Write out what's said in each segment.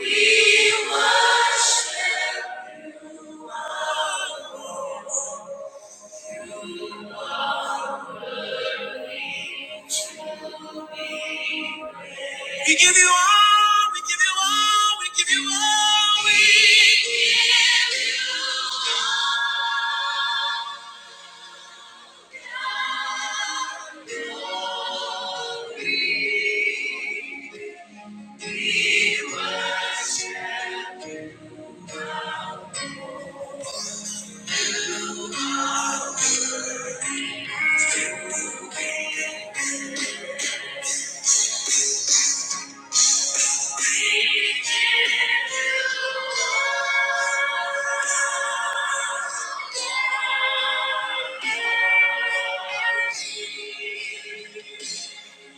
We worship. We give you all, we give you all, we give you all, we give give you you all. all. We worship.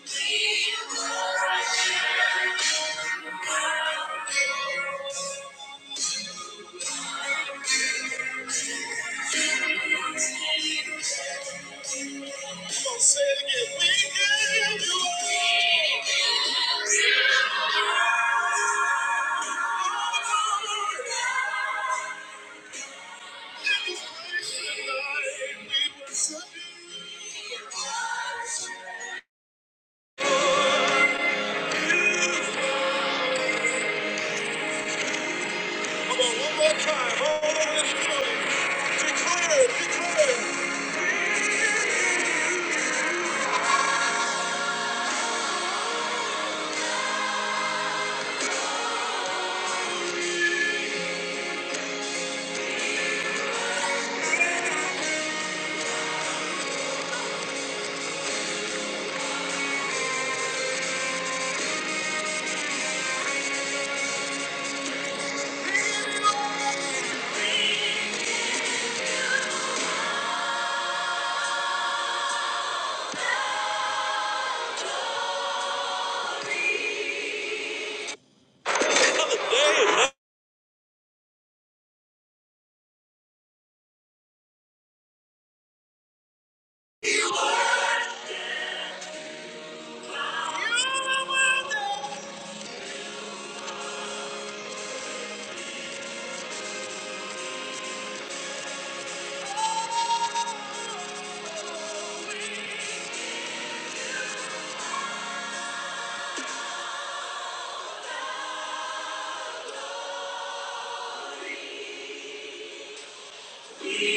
We worship. Come on, one more time. All over this building. Declare, declare.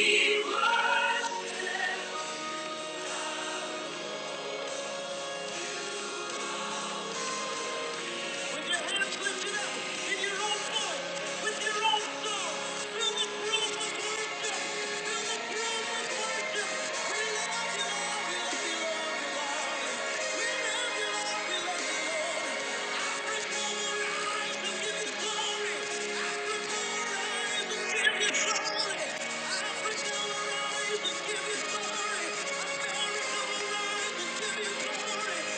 Yeah. Give you glory.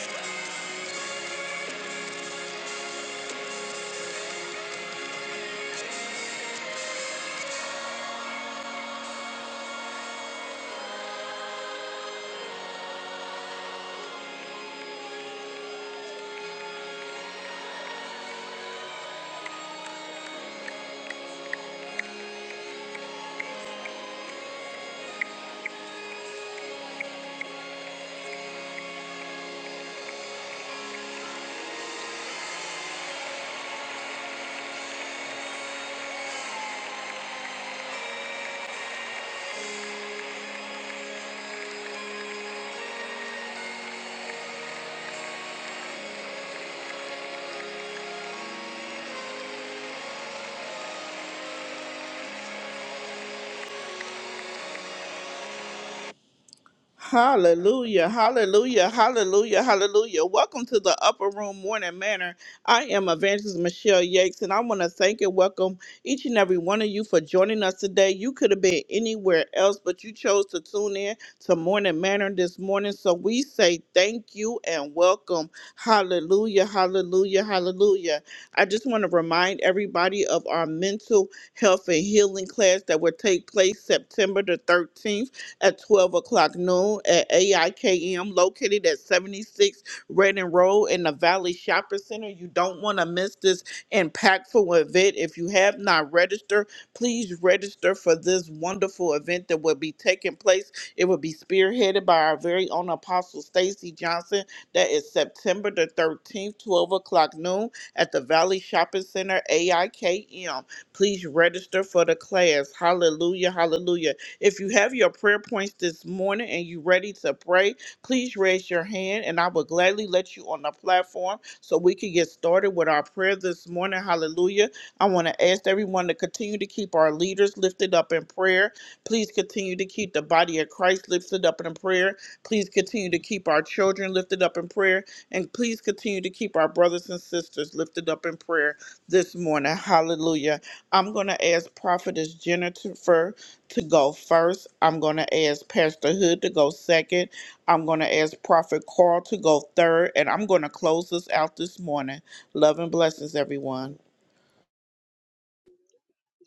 Hallelujah, hallelujah, hallelujah, hallelujah. Welcome to the Upper Room Morning Manor. I am Evangelist Michelle Yates, and I want to thank and welcome each and every one of you for joining us today. You could have been anywhere else, but you chose to tune in to Morning Manor this morning. So we say thank you and welcome. Hallelujah, hallelujah, hallelujah. I just want to remind everybody of our mental health and healing class that will take place September the 13th at 12 o'clock noon at AIKM, located at 76 Redding Road in the Valley Shopping Center. You don't want to miss this impactful event. If you have not registered, please register for this wonderful event that will be taking place. It will be spearheaded by our very own Apostle Stacy Johnson. That is September the 13th, 12 o'clock noon at the Valley Shopping Center, AIKM. Please register for the class. Hallelujah, hallelujah. If you have your prayer points this morning and you're ready to pray, please raise your hand and I will gladly let you on the platform so we can get started with our prayer this morning. Hallelujah. I want to ask everyone to continue to keep our leaders lifted up in prayer. Please continue to keep the body of Christ lifted up in prayer. Please continue to keep our children lifted up in prayer. And please continue to keep our brothers and sisters lifted up in prayer this morning. Hallelujah. I'm going to ask Prophetess Jennifer to go first. I'm going to ask Pastor Hood to go second. I'm going to ask Prophet Carl to go third. And I'm going to close this out this morning. Love and blessings, everyone.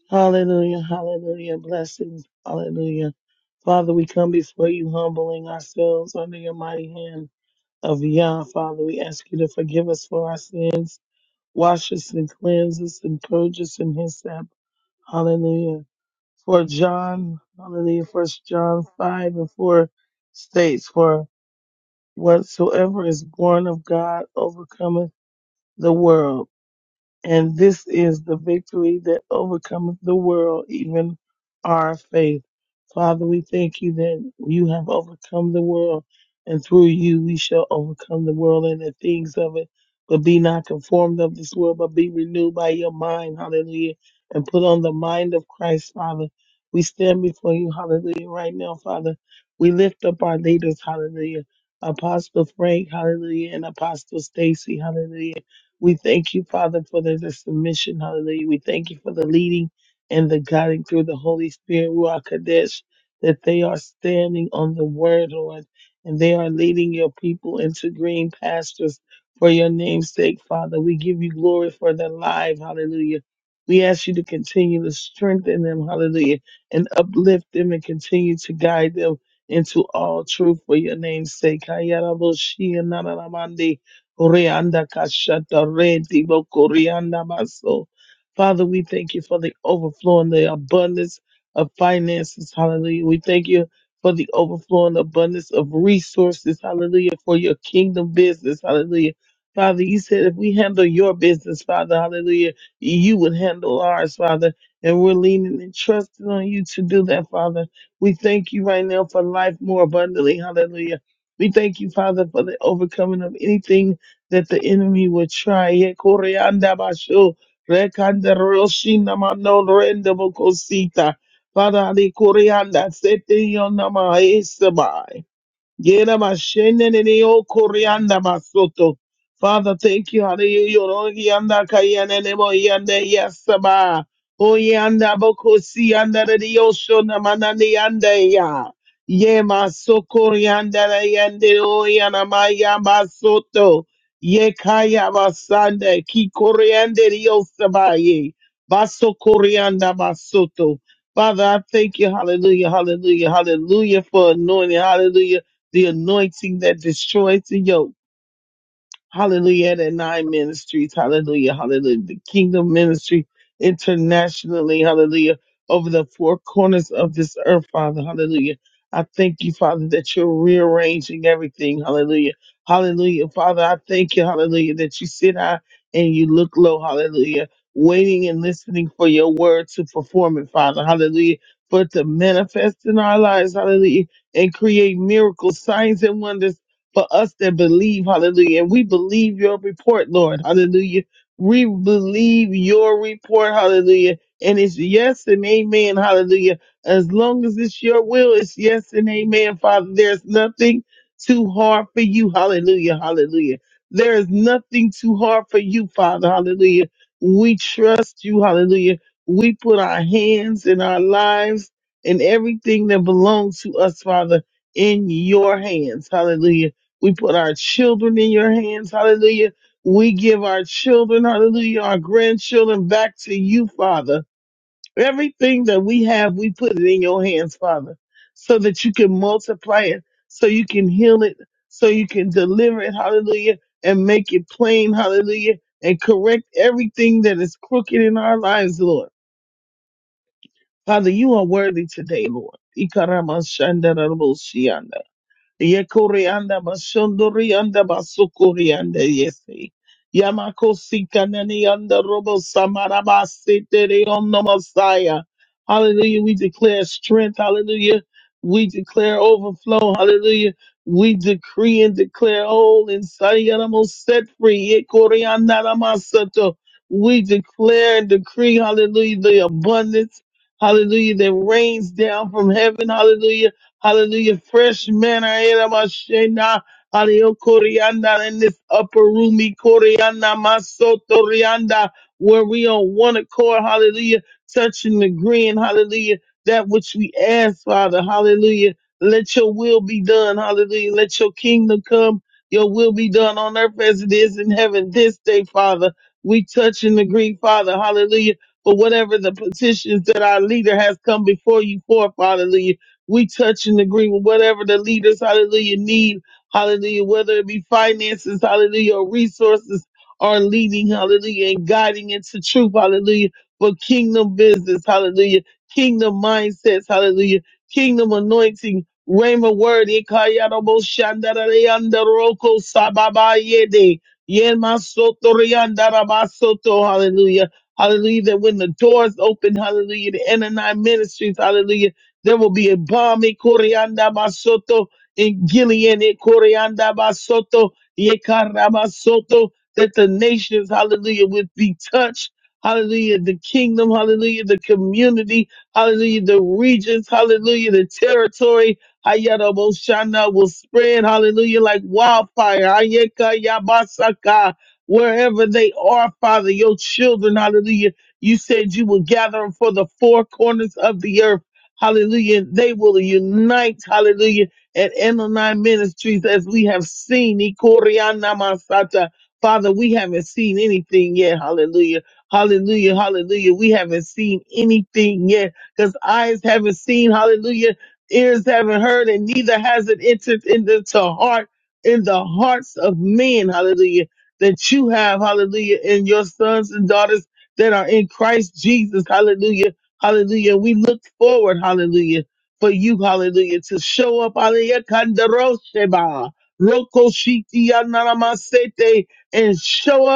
Hallelujah, hallelujah, blessings, hallelujah. Father, we come before you humbling ourselves under your mighty hand of Yah. Father, we ask you to forgive us for our sins, wash us and cleanse us and purge us in his step. Hallelujah. For John, hallelujah, first John 5 and 4 states, for whatsoever is born of God overcometh the world. And this is the victory that overcometh the world, even our faith. Father, we thank you that you have overcome the world, and through you we shall overcome the world and the things of it. But be not conformed of this world, but be renewed by your mind, hallelujah, and put on the mind of Christ, Father. We stand before you, hallelujah, right now, Father. We lift up our leaders, hallelujah. Apostle Frank, hallelujah, and Apostle Stacy, hallelujah. We thank you, Father, for the, the submission. Hallelujah. We thank you for the leading and the guiding through the Holy Spirit, Ruach Kadesh, that they are standing on the word, Lord, and they are leading your people into green pastures for your name's sake, Father. We give you glory for their lives. Hallelujah. We ask you to continue to strengthen them, hallelujah, and uplift them and continue to guide them into all truth for your name's sake. Hayarabo Shia Nananamandi. Orianda kashata re divo korianda maso. Father, we thank you for the overflow and the abundance of finances. Hallelujah. We thank you for the overflow and abundance of resources. Hallelujah. For your kingdom business. Hallelujah. Father, you said if we handle your business, Father, hallelujah, you would handle ours, Father. And we're leaning and trusting on you to do that, Father. We thank you right now for life more abundantly. Hallelujah. We thank you, Father, for the overcoming of anything that the enemy would try. Ye koreanda basho, rekanda roshina mano renda bokosita. Father, the koreanda sete yonama esabai. Yera mashene nene o koreanda masoto. Father, thank you. Hallelujah. Oro yanda kayane nemo yande yasaba. O yanda boko si yanda nene yosho namana ni yande ya. Ye maso koreanda na yande o yana maya masoto. Ye kaya basande ki koreande yosaba ye. Baso koreanda masoto. Father, I thank you. Hallelujah. Hallelujah. Hallelujah for anointing. Hallelujah the anointing that destroys the yoke. Hallelujah. The nine ministries. Hallelujah. Hallelujah. The kingdom ministry internationally. Hallelujah. Over the four corners of this earth, Father. Hallelujah. I thank you, Father, that you're rearranging everything. Hallelujah. Hallelujah. Father, I thank you. Hallelujah. That you sit high and you look low. Hallelujah. Waiting and listening for your word to perform it, Father. Hallelujah. For it to manifest in our lives. Hallelujah. And create miracles, signs, and wonders for us that believe, hallelujah. And we believe your report, Lord, hallelujah. We believe your report, hallelujah. And it's yes and amen, hallelujah. As long as it's your will, it's yes and amen, Father. There's nothing too hard for you, hallelujah, hallelujah. There is nothing too hard for you, Father, hallelujah. We trust you, hallelujah. We put our hands and our lives and everything that belongs to us, Father, in your hands, hallelujah we put our children in your hands. Hallelujah. We give our children, hallelujah, our grandchildren back to you, Father. Everything that we have, we put it in your hands, Father, so that you can multiply it, so you can heal it, so you can deliver it, hallelujah, and make it plain, hallelujah, and correct everything that is crooked in our lives, Lord. Father, you are worthy today, Lord. Yekurianda Bashundurianda Basukurianda Yesi. Yamako Sikanani under Robo Samarabasi Tere on the Messiah. Hallelujah. We declare strength. Hallelujah. We declare overflow. Hallelujah. We decree and declare all inside Yanamo set free. Yekurianda Namasato. We declare and decree, hallelujah, the abundance, hallelujah, that rains down from heaven, hallelujah Hallelujah. Fresh manna. Elamashena. Alio Corianda in this upper room. E Corianda Masoto Rianda. Where we on one accord. Hallelujah. Touching and agreeing. Hallelujah. That which we ask, Father. Hallelujah. Let your will be done. Hallelujah. Let your kingdom come. Your will be done on earth as it is in heaven this day, Father. We touch and agree, Father. Hallelujah. For whatever the petitions that our leader has come before you for, Father. We touch and agree with whatever the leaders, hallelujah, need, hallelujah, whether it be finances, hallelujah, or resources are leading, hallelujah, and guiding into truth, hallelujah, for kingdom business, hallelujah, kingdom mindsets, hallelujah, kingdom anointing, rhema word, ikayarobo shandarayandoroko sababayede, yenmasotoriandarabasoto, hallelujah, hallelujah, that when the doors open, hallelujah, the Anani ministries, hallelujah, there will be a balm in Basoto, in Gilead in Corianda Basoto, Yekara basoto that the nations, hallelujah, would be touched. Hallelujah, the kingdom, hallelujah, the community, hallelujah, the regions, hallelujah, the territory, Hayaraboshana will spread, hallelujah, like wildfire, Ayeka Yabasaka, wherever they are, Father, your children, hallelujah, you said you will gather them for the four corners of the earth. Hallelujah. They will unite. Hallelujah. At N O Nine Ministries as we have seen. Ikoriana Masata. Father, we haven't seen anything yet. Hallelujah. Hallelujah. Hallelujah. We haven't seen anything yet because eyes haven't seen. Hallelujah. Ears haven't heard and neither has it entered into the heart in the hearts of men. Hallelujah. That you have. Hallelujah. In your sons and daughters that are in Christ Jesus. Hallelujah Hallelujah. We look forward, hallelujah, for you, hallelujah, to show up, hallelujah, kandarosheba, roko shiti yanamasete, and show up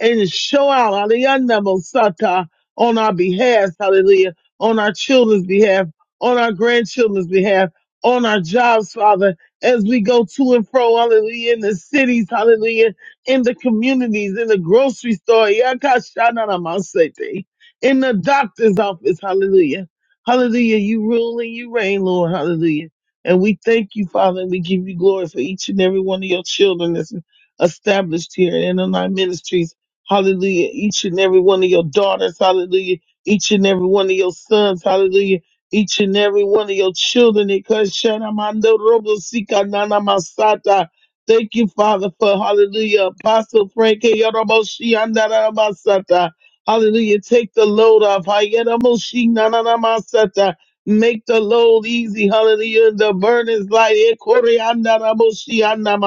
and show out, hallelujah, Mosata, on our behalf, hallelujah, on our children's behalf, on our grandchildren's behalf, on our jobs, Father, as we go to and fro, hallelujah, in the cities, hallelujah, in the communities, in the grocery store, yakashananamasete, in the doctor's office, hallelujah. Hallelujah, you rule and you reign, Lord, hallelujah. And we thank you, Father, and we give you glory for each and every one of your children that's established here in our ministries Hallelujah. Each and every one of your daughters. Hallelujah. Each and every one of your sons. Hallelujah. Each and every one of your children. Because Sharamando Robo Sika Nana Masata. Thank you, Father, for hallelujah. Apostle Frank Yoromoshi Andara Masata. Hallelujah. Take the load off. Hayeramoshi Nana Masata. Make the load easy. Hallelujah. The burden is light. Ekore Andara Moshi Andara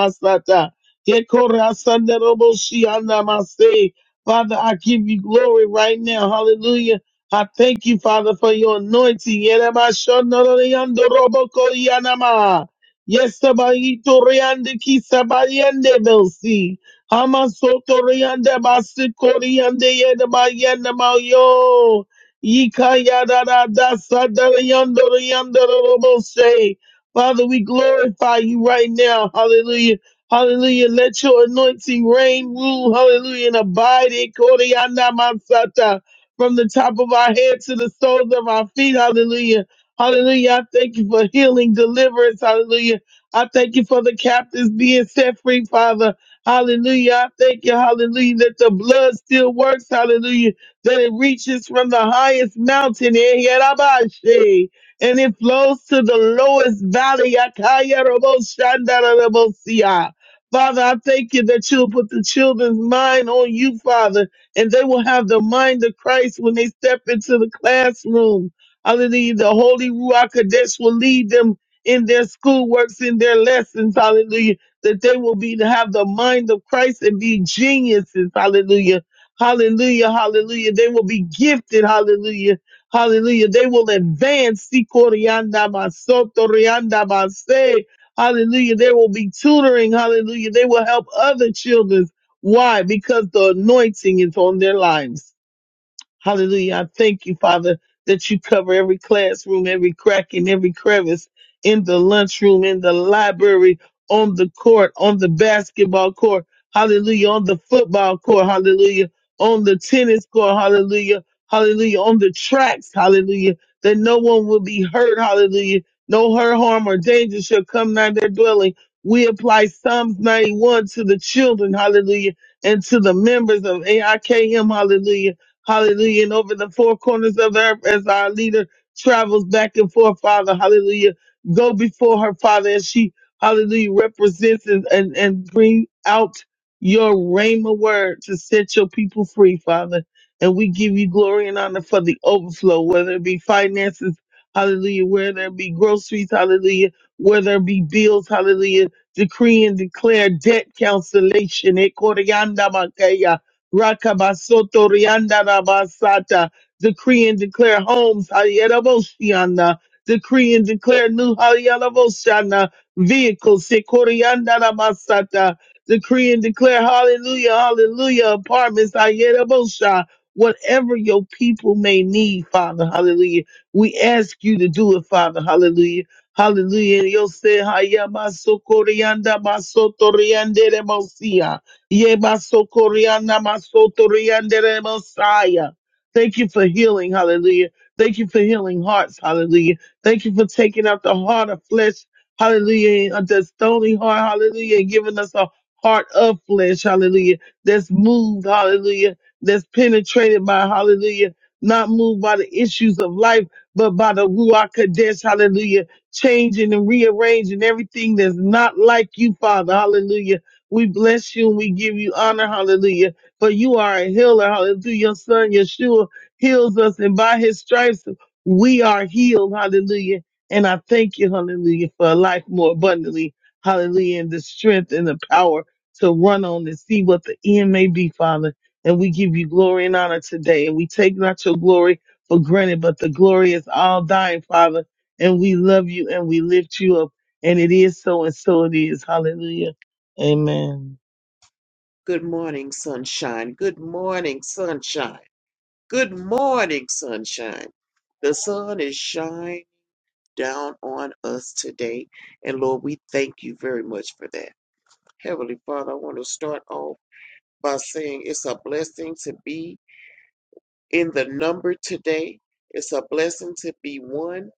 Dekorasandaraboshiyandamase. Father, I give you glory right now. Hallelujah. I thank you, Father, for your anointing. Yeramashonoroyandorobokoyanama. Yesabayitoriandekisabariandebelsi. Hamasotoriandabasikoriyandeyedamayanamayo. Yikayadadadasadariandoroyandorobose. Father, we glorify you right now. Hallelujah. Hallelujah. Let your anointing reign, rule, hallelujah, and abide in Koryana Mansata from the top of our head to the soles of our feet. Hallelujah. Hallelujah. I thank you for healing, deliverance. Hallelujah. I thank you for the captives being set free, Father. Hallelujah. I thank you, hallelujah, that the blood still works. Hallelujah. That it reaches from the highest mountain. eh, yarabashe, And it flows to the lowest valley. Akaya robo shandara robo siya. Father, I thank you that you'll put the children's mind on you, Father, and they will have the mind of Christ when they step into the classroom. Hallelujah. The Holy Ruach Kodesh will lead them in their schoolworks, in their lessons. Hallelujah. That they will be to have the mind of Christ and be geniuses. Hallelujah. Hallelujah. Hallelujah. They will be gifted. Hallelujah. Hallelujah. They will advance. Sikorianda basoto rianda base. Hallelujah. There will be tutoring. Hallelujah. They will help other children. Why? Because the anointing is on their lives. Hallelujah. I thank you, Father, that you cover every classroom, every crack and every crevice in the lunchroom, in the library, on the court, on the basketball court. Hallelujah. On the football court. Hallelujah. On the tennis court. Hallelujah. Hallelujah. On the tracks. Hallelujah. That no one will be hurt. Hallelujah. No hurt, harm, or danger shall come nigh their dwelling. We apply Psalms 91 to the children. Hallelujah. And to the members of AIKM. Hallelujah Hallelujah. And over the four corners of the earth as our leader travels back and forth, Father. Hallelujah. Go before her, Father, as she, hallelujah, represents and, and, and bring out your rhema word to set your people free, Father. And we give you glory and honor for the overflow, whether it be finances, hallelujah, whether it be groceries, hallelujah, whether it be bills, hallelujah, decree and declare debt cancellation. eh, Rakabasoto Rianda Rabasata. Decree and declare homes. Hayeraboshiana. Decree and declare new Hayeraboshiana. Vehicles. Sekorianda Rabasata. Decree and declare hallelujah, hallelujah. Apartments. Hayerabosha. Whatever your people may need, Father, hallelujah. We ask you to do it, Father, hallelujah. Hallelujah. Yo sé, hayama sokorianda basoto riande Ye Yemasokoriana masotoriandere Messiah. Thank you for healing, hallelujah. Thank you for healing hearts, hallelujah. Thank you for taking out the heart of flesh, hallelujah, and the stony heart, hallelujah, and giving us a heart of flesh, hallelujah, that's moved, hallelujah, that's penetrated by, hallelujah, not moved by the issues of life, but by the Ruach Kadesh, hallelujah, changing and rearranging everything that's not like you, Father, hallelujah we bless you and we give you honor, hallelujah. For you are a healer, hallelujah. Your son, Yeshua, heals us, and by his stripes, we are healed, hallelujah. And I thank you, hallelujah, for a life more abundantly, hallelujah, and the strength and the power to run on and see what the end may be, Father. And we give you glory and honor today. And we take not your glory for granted, but the glory is all thine, Father. And we love you and we lift you up. And it is so, and so it is. Hallelujah. Amen. Good morning, sunshine. Good morning, sunshine. Good morning, sunshine. The sun is shining down on us today. And Lord, we thank you very much for that. Heavenly Father, I want to start off by saying it's a blessing to be in the number today. It's a blessing to be one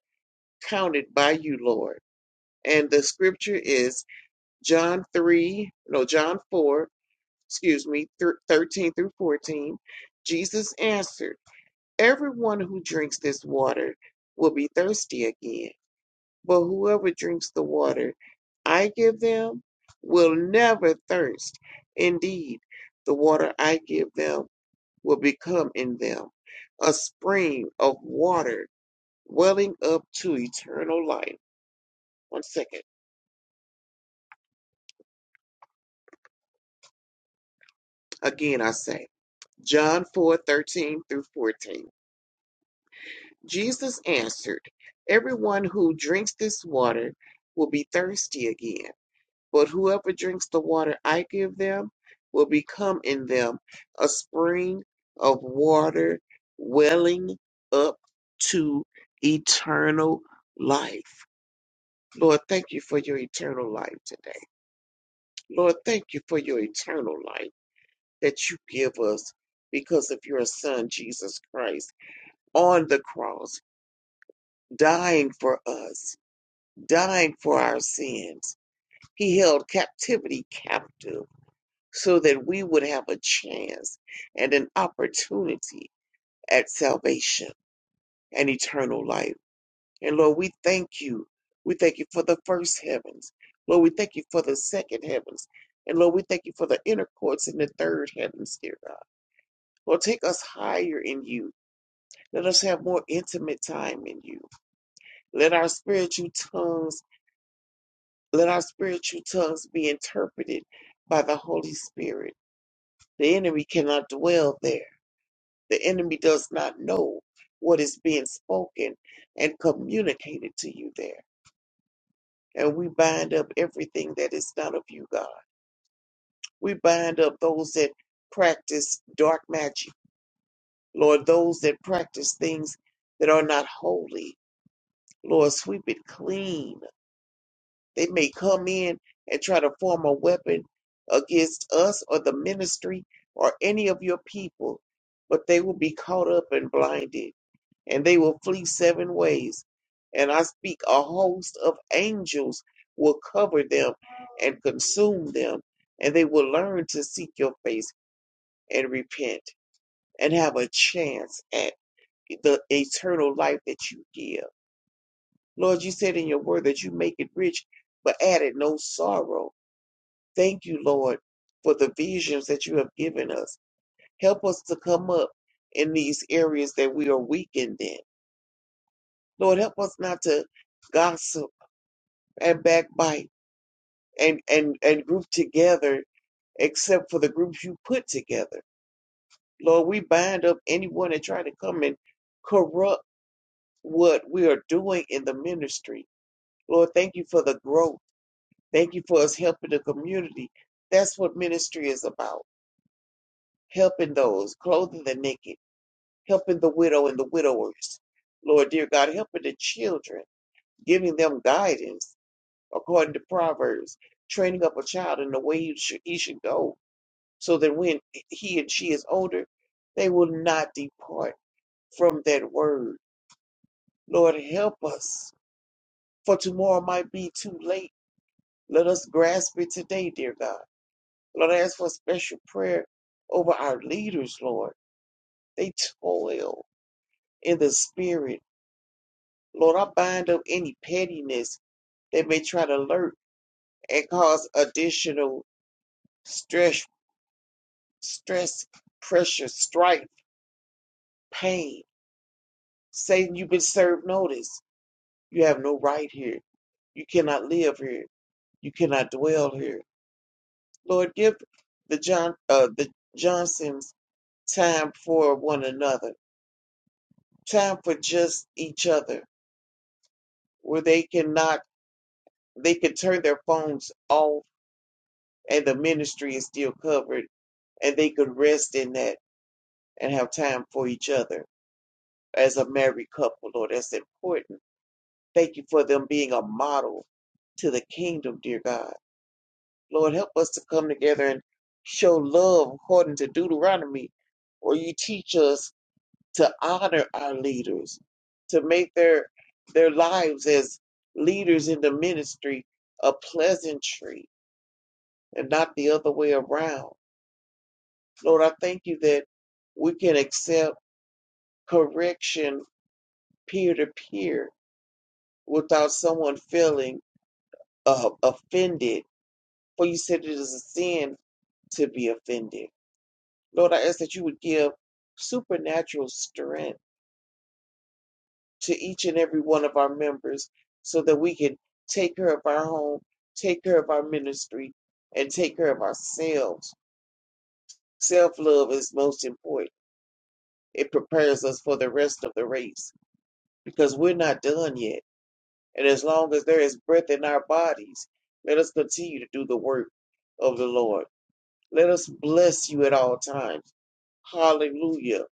counted by you, Lord. And the scripture is John 3, no, John 4, excuse me, 13 through 14, Jesus answered, Everyone who drinks this water will be thirsty again, but whoever drinks the water I give them will never thirst. Indeed, the water I give them will become in them a spring of water welling up to eternal life. One second. Again, I say, John 4 13 through 14. Jesus answered, Everyone who drinks this water will be thirsty again, but whoever drinks the water I give them will become in them a spring of water welling up to eternal life. Lord, thank you for your eternal life today. Lord, thank you for your eternal life that you give us because of your Son, Jesus Christ, on the cross, dying for us dying for our sins. He held captivity captive so that we would have a chance and an opportunity at salvation and eternal life. And Lord, we thank you. We thank you for the first heavens. Lord, we thank you for the second heavens. And Lord, we thank you for the inner courts in the third heavens, dear God. Lord, take us higher in you. Let us have more intimate time in you. Let our spiritual tongues Let our spiritual tongues be interpreted by the Holy Spirit. The enemy cannot dwell there. The enemy does not know what is being spoken and communicated to you there. And we bind up everything that is not of you, God. We bind up those that practice dark magic, Lord, those that practice things that are not holy. Lord, sweep it clean They may come in and try to form a weapon against us or the ministry or any of your people, but they will be caught up and blinded, and they will flee seven ways. And I speak, a host of angels will cover them and consume them, and they will learn to seek your face and repent and have a chance at the eternal life that you give. Lord, you said in your word that you make it rich, but add it no sorrow. Thank you, Lord, for the visions that you have given us. Help us to come up in these areas that we are weakened in. Lord, help us not to gossip and backbite and, and, and group together except for the groups you put together. Lord, we bind up anyone that try to come and corrupt what we are doing in the ministry. Lord, thank you for the growth. Thank you for us helping the community. That's what ministry is about helping those, clothing the naked helping the widow and the widowers. Lord dear God, helping the children, giving them guidance according to Proverbs, training up a child in the way he should, he should go, so that when he and she is older, they will not depart from that word. Lord, help us, for tomorrow might be too late. Let us grasp it today, dear God. Lord, I ask for special prayer over our leaders, Lord. They toil in the spirit. Lord, I bind up any pettiness They may try to alert and cause additional stress, stress, pressure, strife, pain. Satan, you've been served notice. You have no right here. You cannot live here. You cannot dwell here. Lord, give the John, uh, the Johnsons time for one another, time for just each other, where they cannot, they can turn their phones off and the ministry is still covered and they could rest in that and have time for each other as a married couple, Lord. That's important. Thank you for them being a model to the kingdom, dear God. Lord, help us to come together and show love according to Deuteronomy, where you teach us to honor our leaders, to make their their lives as leaders in the ministry a pleasantry and not the other way around. Lord, I thank you that we can accept correction peer to peer without someone feeling uh, offended, for you said it is a sin to be offended. Lord, I ask that you would give supernatural strength to each and every one of our members so that we can take care of our home, take care of our ministry, and take care of ourselves. Self love is most important. It prepares us for the rest of the race because we're not done yet. And as long as there is breath in our bodies, let us continue to do the work of the Lord. Let us bless you at all times. Hallelujah.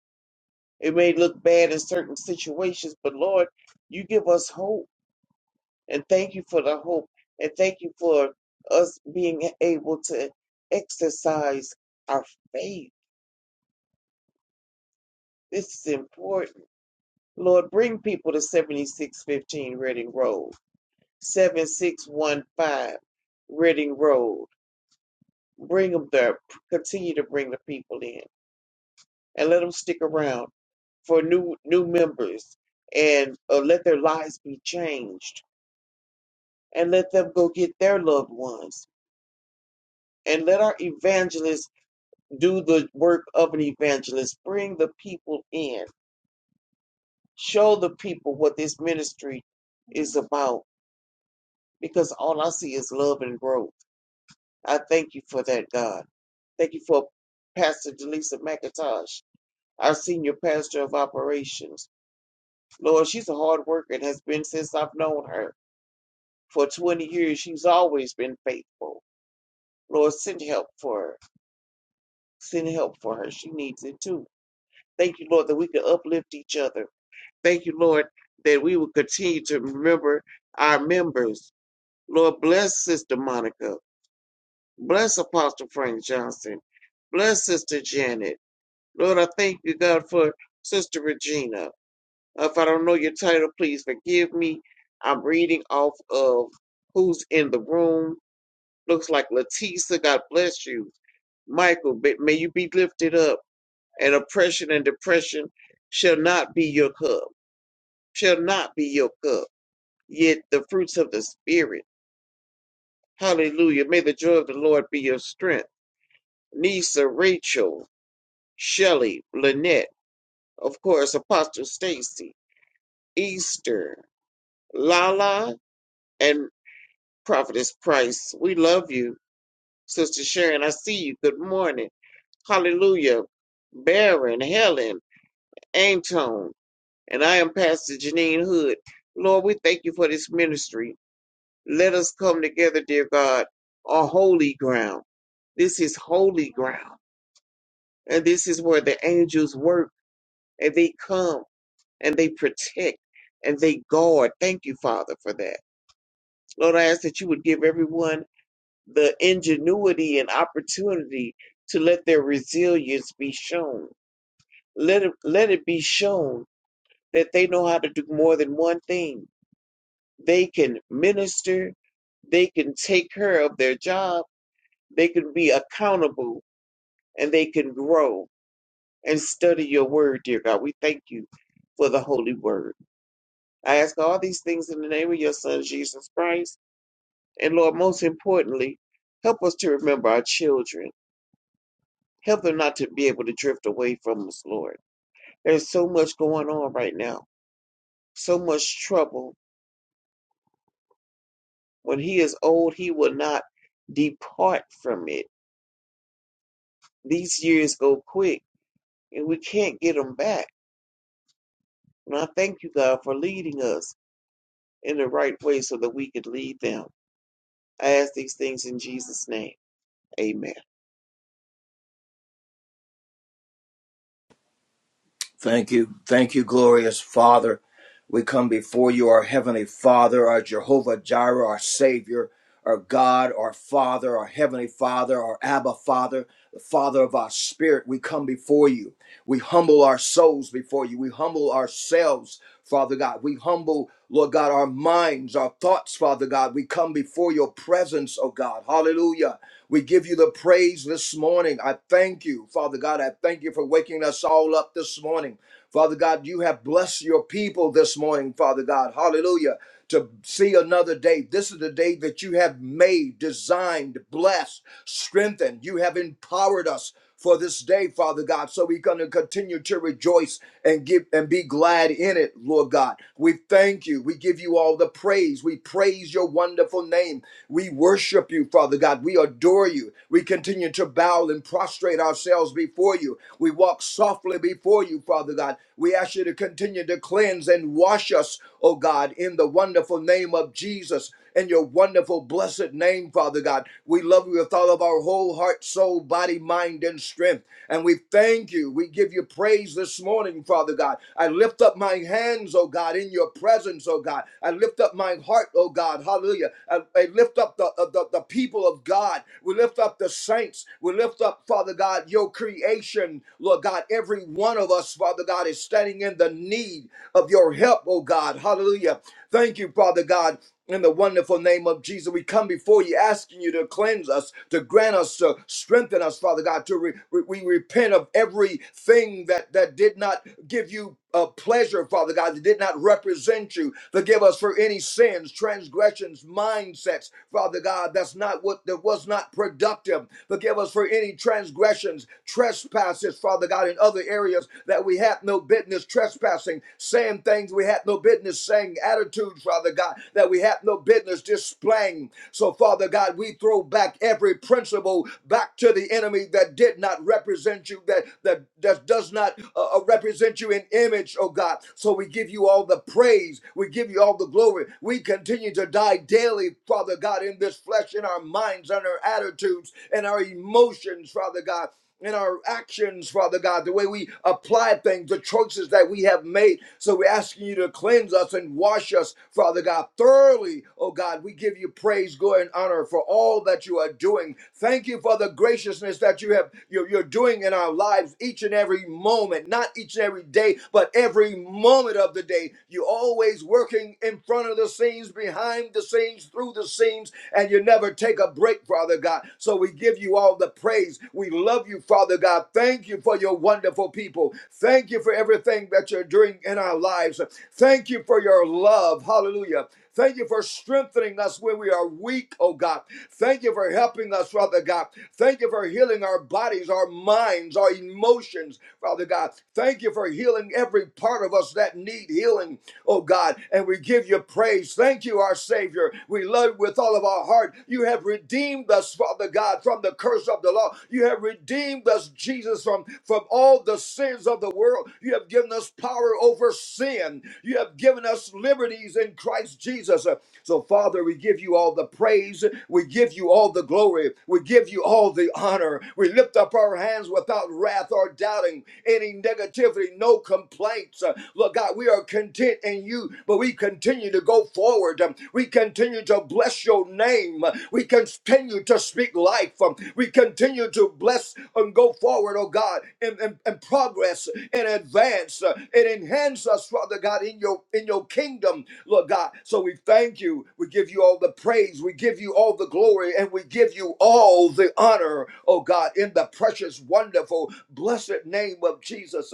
It may look bad in certain situations, but Lord, you give us hope. And thank you for the hope. And thank you for us being able to exercise our faith. This is important. Lord, bring people to 7615 Reading Road, 7615 Reading Road. Bring them there. Continue to bring the people in. and let them stick around for new new members and uh, let their lives be changed and let them go get their loved ones and let our evangelists do the work of an evangelist bring the people in show the people what this ministry is about because all i see is love and growth i thank you for that god thank you for pastor delisa mcintosh our senior pastor of operations lord she's a hard worker and has been since i've known her For 20 years, she's always been faithful. Lord, send help for her. Send help for her. She needs it too. Thank you, Lord, that we can uplift each other. Thank you, Lord, that we will continue to remember our members. Lord, bless Sister Monica. Bless Apostle Frank Johnson. Bless Sister Janet. Lord, I thank you, God, for Sister Regina. If I don't know your title, please forgive me. I'm reading off of who's in the room Looks like Leticia, God bless you. Michael, may may you be lifted up, and oppression and depression shall not be your cup, shall not be your cup. Yet the fruits of the Spirit, hallelujah, may the joy of the Lord be your strength. Nisa, Rachel, Shelley, Lynette, of course, Apostle Stacy, Easter, Lala, and Prophetess Price, we love you. Sister Sharon, I see you. Good morning. Hallelujah. Baron, Helen, Antone, and I am Pastor Janine Hood. Lord, we thank you for this ministry. Let us come together, dear God, on holy ground. This is holy ground. And this is where the angels work and they come and they protect and they guard. Thank you, Father, for that. Lord, I ask that you would give everyone the ingenuity and opportunity to let their resilience be shown. Let it, let it be shown that they know how to do more than one thing. They can minister, they can take care of their job, they can be accountable, and they can grow and study your word, dear God. We thank you for the holy word. I ask all these things in the name of your son, Jesus Christ. And Lord, most importantly, help us to remember our children. Help them not to be able to drift away from us, Lord. There's so much going on right now, so much trouble When he is old, he will not depart from it. These years go quick and we can't get them back. And I thank you, God, for leading us in the right way so that we could lead them. I ask these things in Jesus' name. Amen. Thank you. Thank you, glorious Father. We come before you, our Heavenly Father, our Jehovah Jireh, our Savior, our God, our Father, our Heavenly Father, our Abba Father, the Father of our Spirit. We come before you. We humble our souls before you. We humble ourselves, Father God. We humble, Lord God, our minds, our thoughts, Father God. We come before your presence, oh God. Hallelujah. We give you the praise this morning. I thank you, Father God. I thank you for waking us all up this morning. Father God, you have blessed your people this morning, Father God. Hallelujah to see another day. This is the day that you have made, designed, blessed, strengthened. You have empowered us for this day, Father God. So we're going to continue to rejoice and give and be glad in it, Lord God. We thank you. We give you all the praise. We praise your wonderful name. We worship you, Father God. We adore you. We continue to bow and prostrate ourselves before you. We walk softly before you, Father God. We ask you to continue to cleanse and wash us oh God, in the wonderful name of Jesus. In your wonderful, blessed name, Father God. We love you with all of our whole heart, soul, body, mind, and strength. And we thank you. We give you praise this morning, Father God. I lift up my hands, oh God, in your presence, oh God. I lift up my heart, oh God. Hallelujah. I, I lift up the, uh, the, the people of God. We lift up the saints. We lift up, Father God, your creation, Lord God, every every one of us, Father God, is standing in the need of your help, oh God. Hallelujah. Thank you, Father God. In the wonderful name of Jesus, we come before you asking you to cleanse us, to grant us, to strengthen us, Father God, to re- re- we repent of everything that, that did not give you of pleasure, Father God, that did not represent you. Forgive us for any sins, transgressions, mindsets, Father God, that's not what that was not productive. Forgive us for any transgressions, trespasses, Father God, in other areas that we had no business trespassing, saying things we had no business saying, attitudes, Father God, that we had no business displaying. So, Father God, we throw back every principle back to the enemy that did not represent you, that that that does not uh, uh, represent you in image, oh God. So we give you all the praise. We give you all the glory. We continue to die daily, Father God, in this flesh, in our minds, in our attitudes, in our emotions, Father God. In our actions, Father God, the way we apply things, the choices that we have made. So we're asking you to cleanse us and wash us, Father God, thoroughly. Oh God, we give you praise, glory, and honor for all that you are doing. Thank you for the graciousness that that you have you're, you're doing in our lives each and every moment, not each and every day, but every moment of the day. You're always working in front of the scenes, behind the scenes, through the scenes, and you never take a break, Father God. So we give you all the praise. We love you, Father God. Thank you for your wonderful people. Thank you for everything that you're doing in our lives. Thank you for your love. Hallelujah. Thank you for strengthening us when we are weak, oh God. Thank you for helping us, Father God. Thank you for healing our bodies, our minds, our emotions, Father God. Thank you for healing every part of us that need healing, oh God. And we give you praise. Thank you, our Savior. We love you with all of our heart. You have redeemed us, Father God, from the curse of the law. You have redeemed us, Jesus, from, from all the sins of the world. You have given us power over sin. You have given us liberties in Christ Jesus. Uh, So, Father, we give you all the praise. We give you all the glory. We give you all the honor. We lift up our hands without wrath or doubting, any negativity, no complaints. Uh, Lord God, we are content in you, but we continue to go forward. Um, We continue to bless your name. Uh, We continue to speak life. Um, We continue to bless and go forward, oh God, and, and, and progress and advance uh, and enhance us, Father God, in your in your kingdom. Lord God. So we thank you. We give you all the praise. We give you all the glory and we give you all the honor, oh God, in the precious, wonderful, blessed name of Jesus.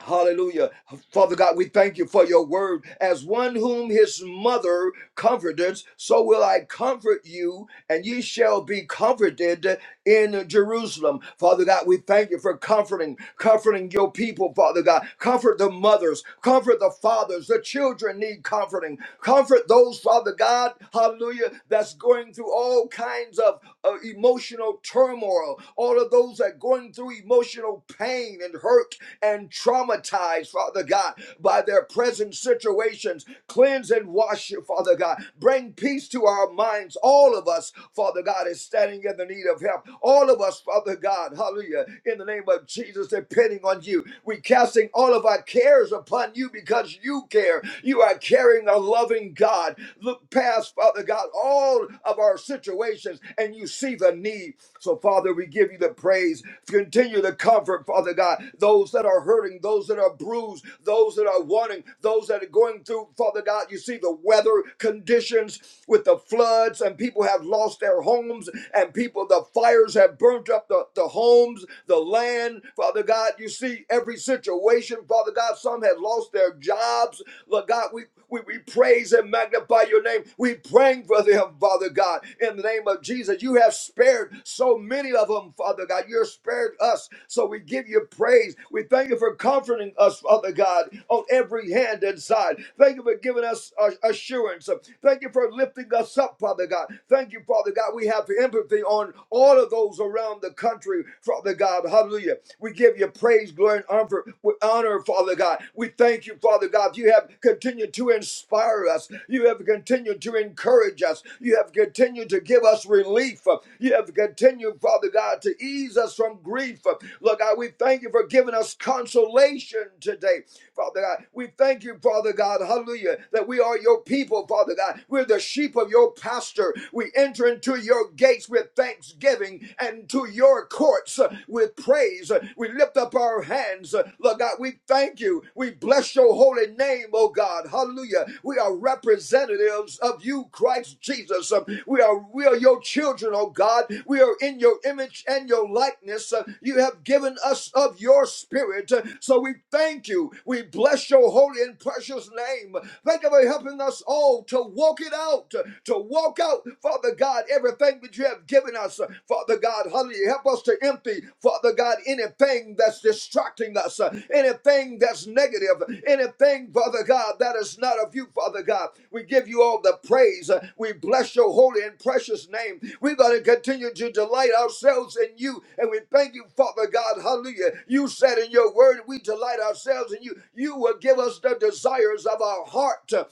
Hallelujah. Father God, we thank you for your word. As one whom his mother comforted, so will I comfort you, and ye shall be comforted in Jerusalem. Father God, we thank you for comforting, comforting your people, Father God. Comfort the mothers, comfort the fathers. The children need comforting. Comfort those, Father God, hallelujah, that's going through all kinds of of emotional turmoil, all of those that are going through emotional pain and hurt and traumatized, Father God, by their present situations. Cleanse and wash you, Father God. Bring peace to our minds. All of us, Father God, is standing in the need of help. All of us, Father God, hallelujah, in the name of Jesus, depending on you. We're casting all of our cares upon you because you care. You are caring, a loving God. Look past, Father God, all of our situations, and you see the need. So, Father, we give you the praise. Continue to comfort, Father God, those that are hurting, those that are bruised, those that are wanting, those that are going through, Father God. You see the weather conditions with the floods, and people have lost their homes, and people, the fires have burnt up the, the homes, the land. Father God, you see every situation, Father God. Some have lost their jobs. Lord God, we we, we praise and magnify your name. We praying for them, Father God, in the name of Jesus. You have spared so many of them, Father God. You have spared us. So we give you praise. We thank you for comforting us, Father God, on every hand and side. Thank you for giving us uh, assurance. Thank you for lifting us up, Father God. Thank you, Father God. We have empathy on all of those around the country, Father God. Hallelujah. We give you praise, glory, and honor we honor, Father God. We thank you, Father God. You have continued to inspire us. You have continued to encourage us. You have continued to give us relief. You have continued, Father God, to ease us from grief. Lord God, we thank you for giving us consolation today. Father God. We thank you, Father God, hallelujah, that we are your people, Father God. We're the sheep of your pasture. We enter into your gates with thanksgiving and to your courts uh, with praise. Uh, We lift up our hands. Uh, Lord God, we thank you. We bless your holy name, oh God. Hallelujah. We are representatives of you, Christ Jesus. Um, We are we are your children, oh God. We are in your image and your likeness. Uh, You have given us of your spirit. Uh, So we thank you. We bless your holy and precious name. Thank you for helping us all to walk it out, uh, to walk out, Father Father God, everything that you have given us, uh, Father God, hallelujah, help us to empty, Father God, anything that's distracting us, uh, anything that's negative, anything, Father God, that is not of you, Father God. We give you all the praise. Uh, We bless your holy and precious name. We're going to continue to delight ourselves in you, and we thank you, Father God, hallelujah. You said in your word, we delight ourselves in you. You will give us the desires of our heart.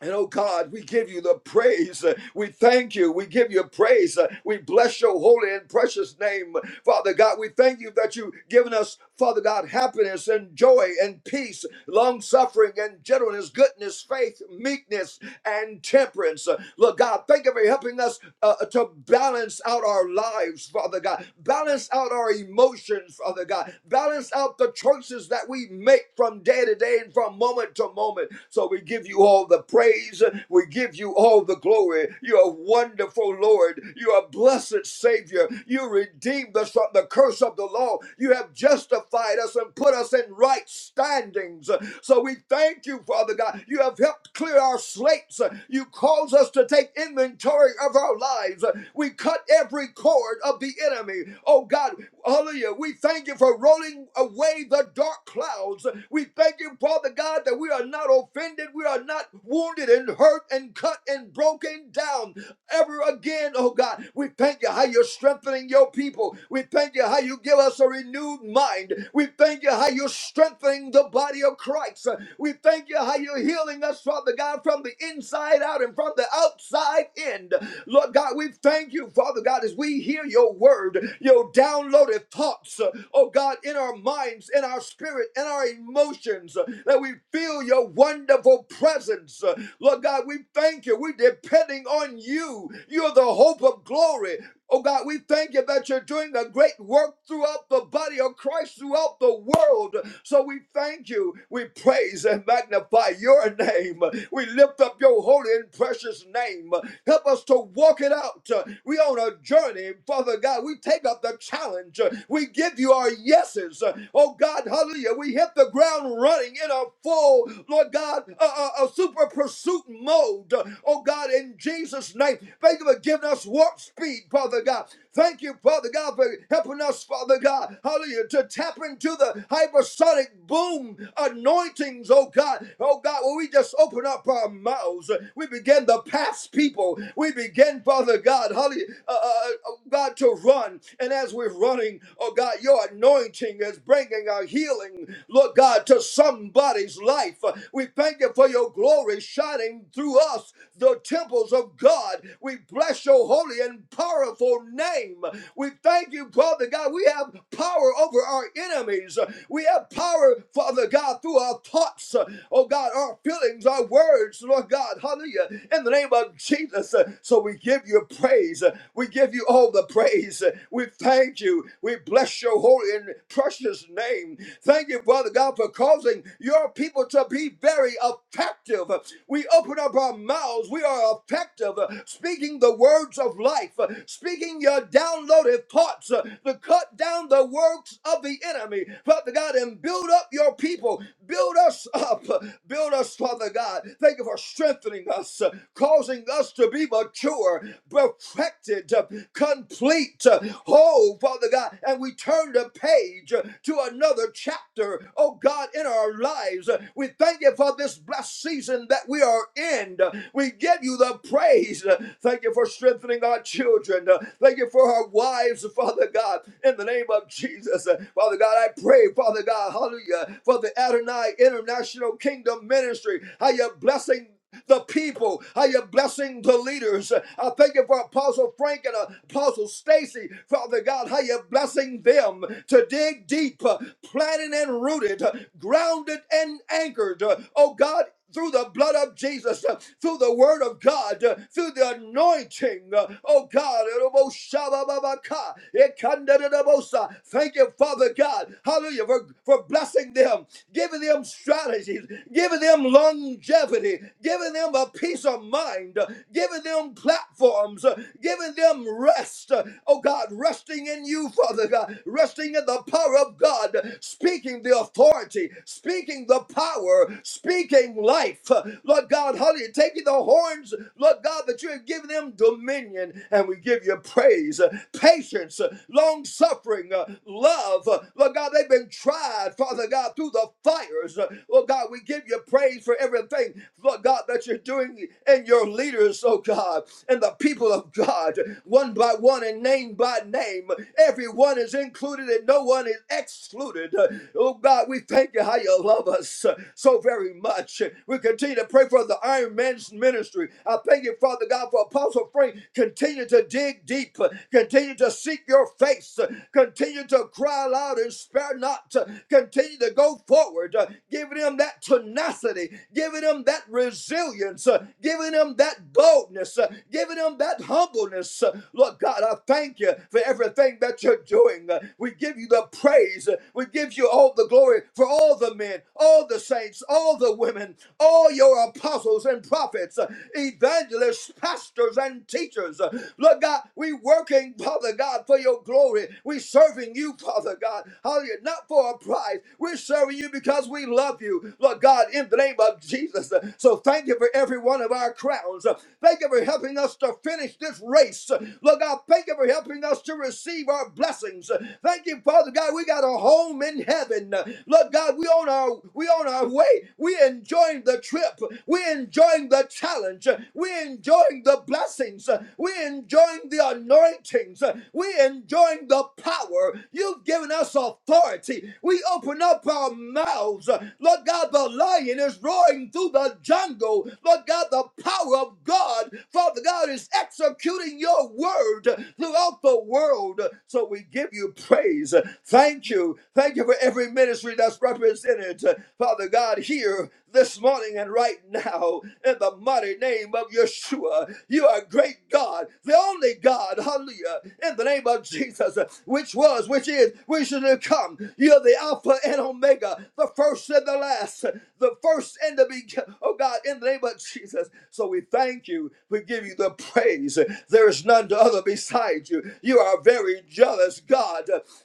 And oh God, we give you the praise. Uh, We thank you. We give you praise. Uh, We bless your holy and precious name. Father God, we thank you that you've given us, Father God, happiness and joy and peace, long suffering and gentleness, goodness, faith, meekness, and temperance. Uh, Lord God, thank you for helping us uh, to balance out our lives, Father God. Balance out our emotions, Father God. God. Balance out the choices that we make from day to day and from moment to moment. So we give you all the praise. We give you all the glory. You're wonderful, Lord. You're a blessed Savior. You redeemed us from the curse of the law. You have justified us and put us in right standings. So we thank you, Father God. You have helped clear our slates. You cause us to take inventory inventory of our lives. We cut every cord of the enemy. Oh God, hallelujah. We thank you for rolling away the dark clouds. We thank you, Father God, that we are not offended. We are not wounded and hurt and cut and broken down ever again, oh God. We thank you how you're strengthening your people. We thank you how you give us a renewed mind. We thank you how you're strengthening healing the body of Christ. We thank you how you're healing us, Father God, from the inside out and from the outside in. Lord God, we thank you, Father God, as we hear your word, your downloaded thoughts, oh God, in our minds, in our spirit, in our emotions, that we feel your wonderful presence. Lord God, we thank you. We're depending on you. You're the hope of glory. Oh God, we thank you that you're doing a great work throughout the body of Christ, throughout the world. So we thank you. We praise and magnify your name. We lift up your holy and precious name. Help us to walk it out. We on a journey, Father God. We take up the challenge. We give you our yeses. Oh God, hallelujah. We hit the ground running in a full, Lord God, a, a, a super pursuit mode. Oh God, in Jesus' name, thank you for giving us warp speed need, Father God. Thank you, Father God, for helping us, Father God, hallelujah, to tap into the hypersonic boom anointings, oh God. Oh God, when we just open up our mouths, we begin to pass people. We begin, Father God, hallelujah, uh, uh, uh, oh God, to run. And as we're running, oh God, your anointing is bringing our healing, Lord God, to somebody's life. We thank you for your glory shining through us, the temples of God. We bless your holy and and powerful name. We thank you, Father God. We have power over our enemies. We have power, Father God, through our thoughts, oh God, our feelings, our words, Lord God. Hallelujah. In the name of Jesus. So we give you praise. We give you all the praise. We thank you. We bless your holy and precious name. Thank you, Father God, for causing your people to be very effective. We open up our mouths. We are effective speaking the words of of life, uh, speaking your downloaded thoughts uh, to cut down the works of the enemy, Father God, and build up your people. Build us up. uh, Build us, Father God. Thank you for strengthening us, uh, causing us to be mature, perfected, uh, complete, uh, whole, Father God. And we turn the page uh, to another chapter, oh God, in our lives. Uh, We thank you for this blessed season that we are in. Uh, We give you the praise. Uh, Thank you for strengthening our children. Uh, Thank you for our wives, Father God, in the name of Jesus. Uh, Father God, I pray, Father God, hallelujah, for the Adonai International Kingdom Ministry. How you're blessing the people. How you're blessing the leaders. Uh, I thank you for Apostle Frank and Apostle Stacy, Father God. How you're blessing them to dig deep, uh, planted and rooted, uh, grounded and anchored. Uh, Oh God, through the blood of Jesus, uh, through the word of God, uh, through the anointing. uh, Oh God, Eroboshabababaka, Ekandadadabosa. thank you, Father God, hallelujah, for, for blessing them, giving them strategies, giving them longevity, giving them a peace of mind, uh, giving them platforms, uh, giving them rest. uh, Oh God, resting in you, Father God, resting in the power of God, speaking the authority, speaking the power, speaking life. Lord God, hallelujah, taking the horns, Lord God, that you have given them dominion, and we give you praise, uh, patience, uh, long suffering, uh, love. Uh, Lord God, they've been tried, Father God, through the fires. Uh, Lord God, we give you praise for everything, Lord God, that you're doing in your leaders, oh God, and the people of God, one by one and name by name. Everyone is is included and no one is excluded. Uh, Oh God, we thank you how you love us uh, so very much. We continue to pray for the Iron Man's ministry. I thank you, Father God, for Apostle Frank. Continue to dig deep, uh, continue to seek your face, uh, continue to cry loud and spare not, uh, continue to go forward, uh, giving them that tenacity, giving them that resilience, uh, giving them that boldness, uh, giving them that humbleness, Jesus. Lord God, I thank you for everything that you're doing. We give you the praise. We give you all the glory for all the men, all the saints, all the women, all your apostles and prophets, evangelists, pastors, and teachers. Lord God, we working, Father God, for your glory. We serving you, Father God. Hallelujah. Not for a prize. We're serving you because we love you, Lord God, in the name of Jesus. So thank you for every one of our our crowns. Thank you for helping us to finish this race. Lord God, thank you for helping us to receive our blessings. Thank you, Father God. We got a home in heaven. Lord God, we on our we on our way. We enjoying the trip. We enjoying the challenge. We enjoying the blessings. We enjoying the anointings. We enjoying the power. You've given us authority. We open up our mouths. Lord God, the lion is roaring through the jungle. Lord God, the power of God, Father God, is executing your word throughout the world. So we give you praise. Thank you. Thank you for every ministry that's represented, Father God, here this morning and right now in the mighty name of Yeshua. You are a great God, the only God, hallelujah, in the name of Jesus, which was, which is, which is to come. You're the Alpha and Omega, the first and the last, the first and the beginning, oh God, in the name of Jesus. So we thank you. We give you the praise. There is none to other beside you. You are a very jealous God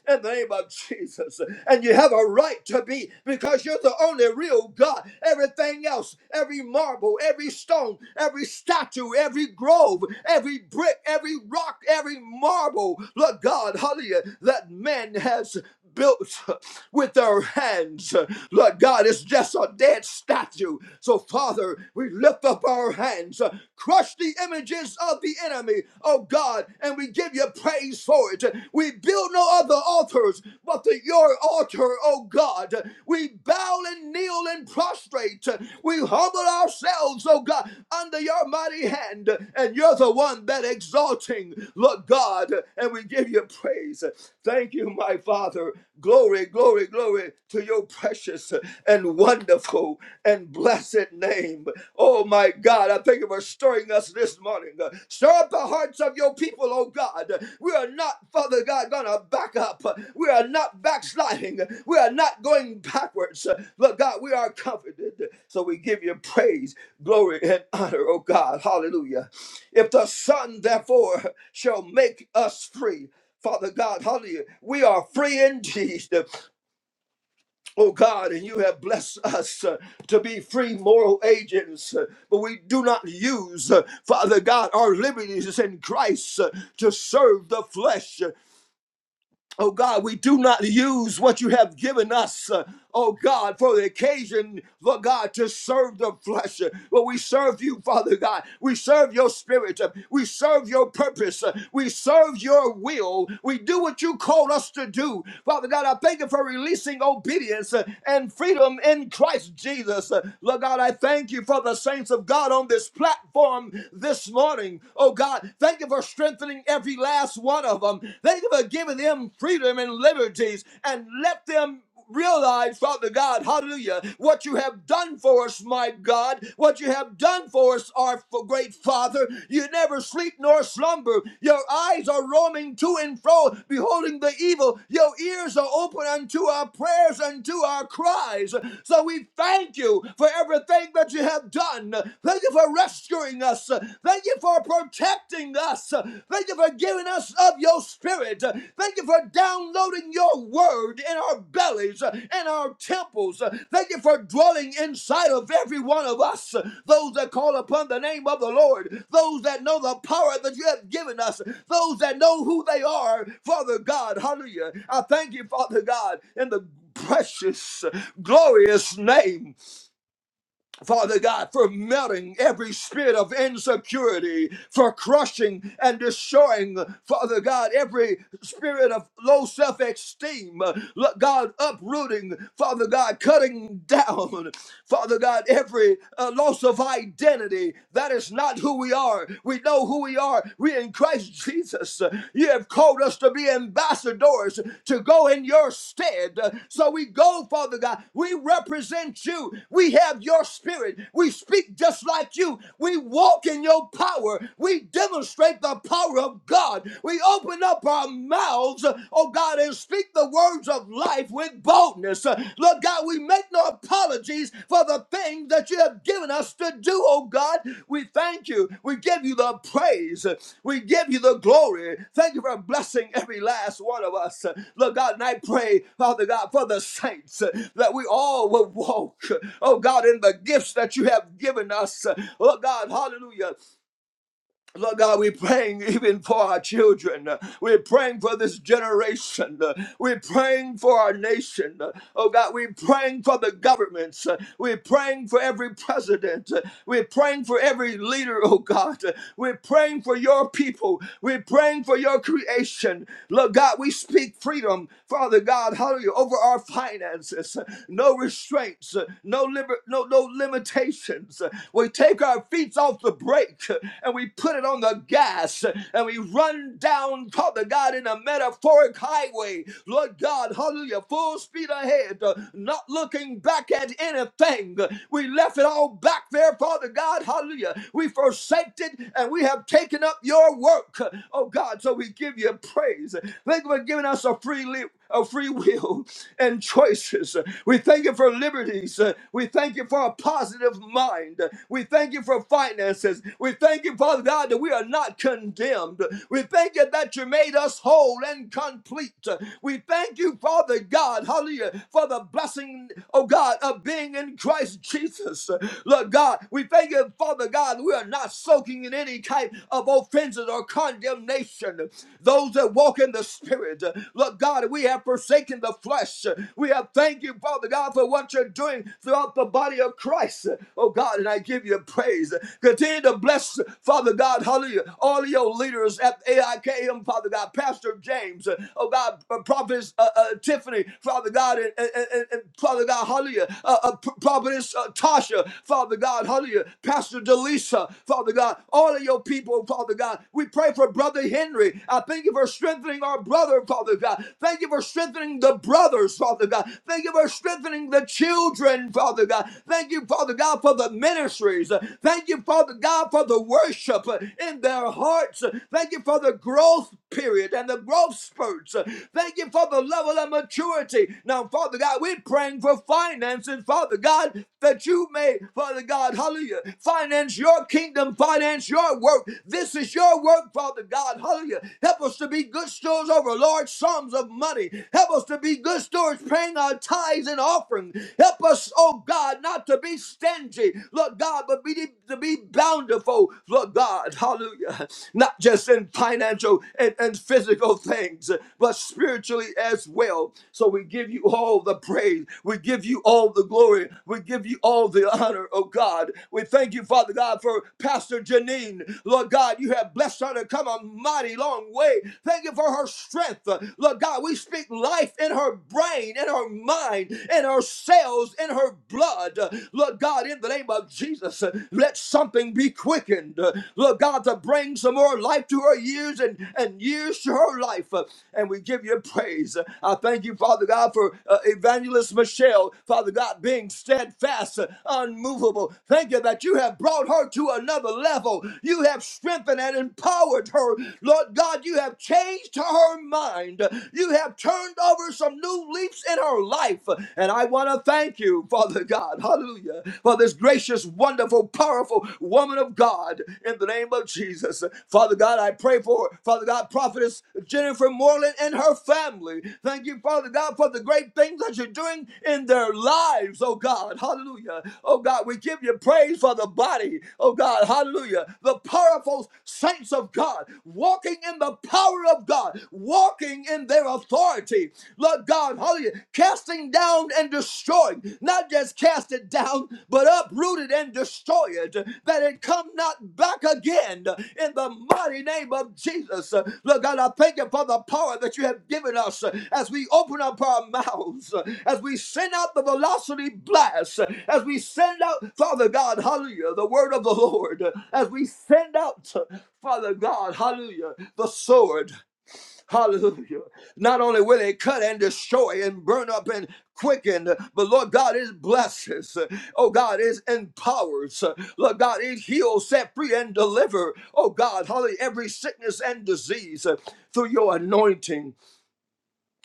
in the name of Jesus. And you have a right to be because you're the only real God. Everything else, every marble, every stone, every statue, every grove, every brick, every rock, every marble, Lord God, hallelujah, that man has built with their hands, Lord God, it's just a dead statue. So so, Father, we lift up our hands, uh, crush the images of the enemy, oh God, and we give you praise for it. We build no other altars but the, your altar, oh God. We bow and kneel and prostrate. We humble ourselves, oh God, under your mighty hand, and you're the one that exalting, Lord God, and we give you praise praise. Thank you, my Father. Glory, glory, glory to your precious and wonderful and blessed name. Oh, my God, I thank you for stirring us this morning. Stir up the hearts of your people, oh God. We are not, Father God, gonna back up. We are not backsliding. We are not going backwards. But God, we are comforted. So we give you praise, glory, and honor, oh God. Hallelujah. If the Son, therefore, shall make us free. Father God, hallelujah. We are free indeed, oh God, and you have blessed us uh, to be free moral agents, uh, but we do not use, uh, Father God, our liberties in Christ uh, to serve the flesh. uh, Oh God, we do not use what you have given us, uh, oh God, for the occasion, Lord God, to serve the flesh. uh, But we serve you, Father God. We serve your spirit. uh, We serve your purpose. uh, We serve your will. We do what you called us to do. Father God, I thank you for releasing obedience uh, and freedom in Christ Jesus. Uh, Lord God, I thank you for the saints of God on this platform this morning. Oh God, thank you for strengthening strengthening every last one of them. Thank you for giving them freedom and liberties and let them realize, Father God, hallelujah, what you have done for us, my God, what you have done for us, our f- great Father. You never sleep nor slumber. Your eyes are roaming to and fro, beholding the evil. Your ears are open unto our prayers, unto our cries. So we thank you for everything that you have done. Thank you for rescuing us. Thank you for protecting us. Thank you for giving us of your spirit. Thank you for downloading your word in our bellies, in our temples. Thank you for dwelling inside of every one of us. Those that call upon the name of the Lord, those that know the power that you have given us, those that know who they are, Father God. Hallelujah. I thank you, Father God, in the precious, glorious name Father God, for melting every spirit of insecurity, for crushing and destroying, Father God, every spirit of low self esteem, God, uprooting, Father God, cutting down, Father God, every uh, loss of identity. That is not who we are. We know who we are. We in Christ Jesus. Jesus. You have called us to be ambassadors to go in your stead. So we go, Father God. We represent you. We have your spirit. We speak just like you. We walk in your power. We demonstrate the power of God. We open up our mouths, oh God, and speak the words of life with boldness. Lord Lord God, we make no apologies for the things that you have given us to do, oh God. We thank you. We give you the praise. We give you the glory. Thank you for blessing every last one of us. Lord God, and I pray, Father God, for the saints that we all will walk, oh God, in the gifts that you have given us. Oh God, hallelujah. Lord God, we're praying even for our children. We're praying for this generation. We're praying for our nation. Oh God, we're praying for the governments. We're praying for every president. We're praying for every leader, oh God. We're praying for your people. We're praying for your creation. Lord God, we speak freedom, Father God, hallelujah, over our finances. No restraints, no, liber- no, no limitations. We take our feet off the brake brake and we put it on the gas and we run down, Father God, in a metaphoric highway. Lord God, hallelujah, full speed ahead, uh, not looking back at anything. We left it all back there, Father God, hallelujah. We forsaked it and we have taken up your work, oh God. So we give you praise. Thank you for giving us a free will of free will and choices. We thank you for liberties. We thank you for a positive mind. We thank you for finances. We thank you, Father God, that we are not condemned. We thank you that you made us whole and complete. We thank you, Father God, hallelujah, for the blessing, oh God, of being in Christ Jesus. Lord God, we thank you, Father God, we are not soaking in any type of offenses or condemnation. Those that walk in the Spirit, Lord God, God, we have forsaken the flesh. We have thank you, Father God, for what you're doing throughout the body of Christ. Oh God, and I give you praise. Continue to bless, Father God, hallelujah, all your leaders at AIKM, Father God, Pastor James, oh God, Prophet uh, uh, Tiffany, Father God, and, and, and, and Father God, hallelujah, uh, uh, Providence uh, Tasha, Father God, hallelujah, Pastor Delisa, Father God, all of your people, Father God. We pray for Brother Henry. I thank you for strengthening our brother, Father God. God. Thank you for strengthening the brothers, Father God. Thank you for strengthening the children, Father God. Thank you, Father God, for the ministries. Thank you, Father God, for the worship in their hearts. Thank you for the growth period and the growth spurts. Thank you for the level of maturity. Now, Father God, we're praying for finances, Father God, that you may, Father God, hallelujah, finance your kingdom, finance your work. This is your work, Father God, hallelujah. Help us to be good stewards over large large sums of money. Help us to be good stewards, paying our tithes and offering. Help us, oh God, not to be stingy, Lord God, but be to be bountiful, Lord God. Hallelujah. Not just in financial and, and physical things, but spiritually as well. So we give you all the praise. We give you all the glory. We give you all the honor, oh God. We thank you, Father God, for Pastor Janine. Lord God, you have blessed her to come a mighty long way. Thank you for her strength strength. Uh, Lord God, we speak life in her brain, in her mind, in her cells, in her blood. Uh, Lord God, in the name of Jesus, uh, let something be quickened. Uh, Lord God, to bring some more life to her years and, and years to her life. Uh, And we give you praise. Uh, I thank you, Father God, for uh, Evangelist Michelle, Father God, being steadfast, uh, unmovable. Thank you that you have brought her to another level. You have strengthened and empowered her. Lord God, you have changed her her mind. You have turned over some new leaves in her life. And I want to thank you, Father God, hallelujah, for this gracious, wonderful, powerful woman of God in the name of Jesus. Father God, I pray for, Father God, prophetess Jennifer Moreland and her family. Thank you, Father God, for the great things that you're doing in their lives, oh God, hallelujah. Oh God, we give you praise for the body, oh God, hallelujah. The powerful saints of God walking in the power of God. God, walking in their authority, Lord God, hallelujah, casting down and destroying, not just cast it down, but uprooted and destroyed, that it come not back again in the mighty name of Jesus. Lord God, I thank you for the power that you have given us as we open up our mouths, as we send out the velocity blast, as we send out, Father God, hallelujah, the word of the Lord, as we send out, Father God, hallelujah, the sword. Hallelujah. Not only will it cut and destroy and burn up and quicken, but Lord God, it blesses. Oh God, it empowers. Lord God, it heals, set free, and deliver. Oh God, hallelujah, every sickness and disease through your anointing.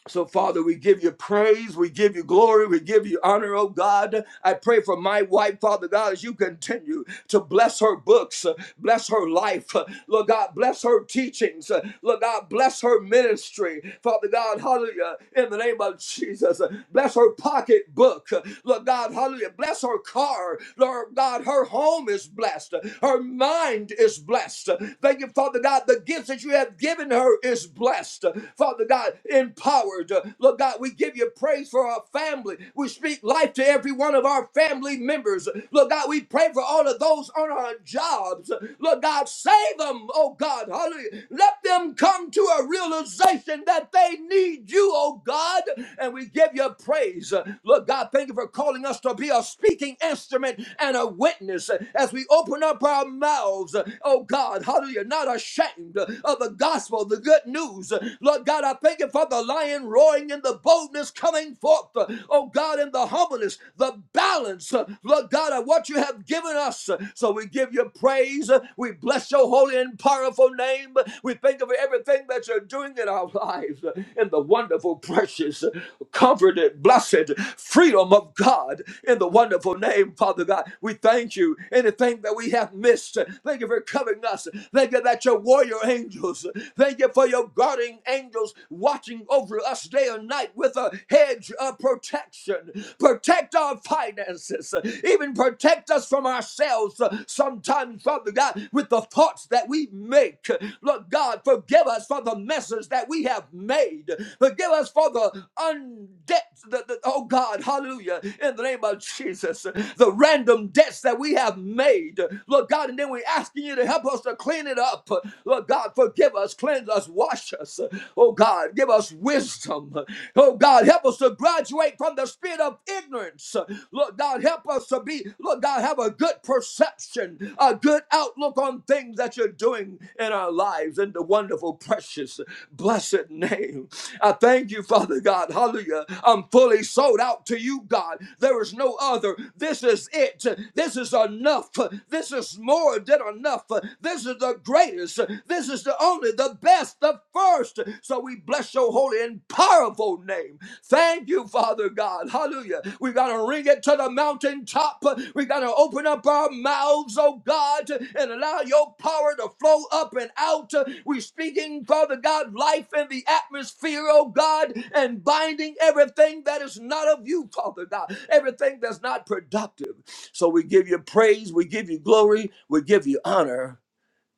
So, Father, we give you praise, we give you glory, we give you honor, oh God. I pray for my wife, Father God, as you continue to bless her books, uh, bless her life, uh, Lord God, bless her teachings, uh, Lord God, bless her ministry, Father God, hallelujah, in the name of Jesus. Uh, Bless her pocketbook, uh, Lord God, hallelujah, bless her car, Lord God, her home is blessed, uh, her mind is blessed. Uh, Thank you, Father God, the gifts that you have given her is blessed. Father God, empowered. Lord God, we give you praise for our family. We speak life to every one of our family members. Lord God, we pray for all of those on our jobs. Lord God, save them, oh God. Hallelujah. Let them come to a realization that they need you, oh God. And we give you praise. Lord God, thank you for calling us to be a speaking instrument and a witness as we open up our mouths, oh God. Hallelujah. Not ashamed of the gospel gospel, the good news. Lord God, I thank you for the lion roaring and the boldness coming forth. Oh God, in the humbleness, the balance, Lord God, of what you have given us. So we give you praise. We bless your holy and powerful name. We thank you for everything that you're doing in our lives, in the wonderful, precious, comforted, blessed freedom of God in the wonderful name, Father God. We thank you. Anything that we have missed, thank you for covering us. Thank you about your warrior angels. Thank you for your guarding angels watching over us day and night with a hedge of protection. Protect our finances, even protect us from ourselves sometimes, Father God, with the thoughts that we make. Lord God, forgive us for the messes that we have made. Forgive us for the undebt, the, the- oh God, hallelujah, in the name of Jesus, the random debts that we have made. Lord God, and then we ask asking you to help us to clean it up. Lord God, forgive us, cleanse us, wash us. Oh God, give us wisdom. Oh God, help us to graduate from the spirit of ignorance. Lord God, help us to be, Lord God, have a good perception, a good outlook on things that you're doing in our lives in the wonderful, precious, blessed name. I thank you, Father God. Hallelujah. I'm fully sold out to you, God. There is no other. This is it. This is enough enough. This is more than enough. This is the greatest. This is the only, the best, the first. So we bless your holy and powerful name. Thank you, Father God. Hallelujah. We got to ring it to the mountaintop. We got to open up our mouths, oh God, and allow your power to flow up and out. We're speaking, Father God, life in the atmosphere, oh God, and binding everything that is not of you, Father God, everything that's not productive. So we give you praise, we give you glory, we give you honor,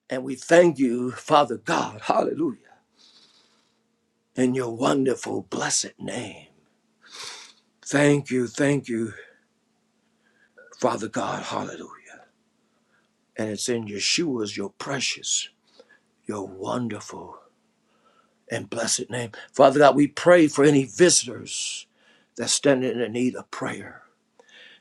and we thank you, Father God. Hallelujah. In your wonderful, blessed name. Thank you, thank you, Father God. Hallelujah. And it's in Yeshua's, your precious, your wonderful, and blessed name. Father God, we pray for any visitors that stand in the need of prayer.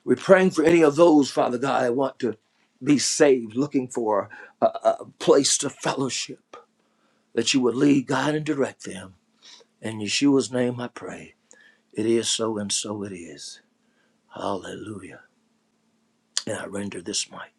We're praying for any of those, Father God, that want to be saved, looking for a, a a place to fellowship. that you would lead, guide, and direct them. In Yeshua's name I pray. It is so and so it is. Hallelujah. And I render this mic.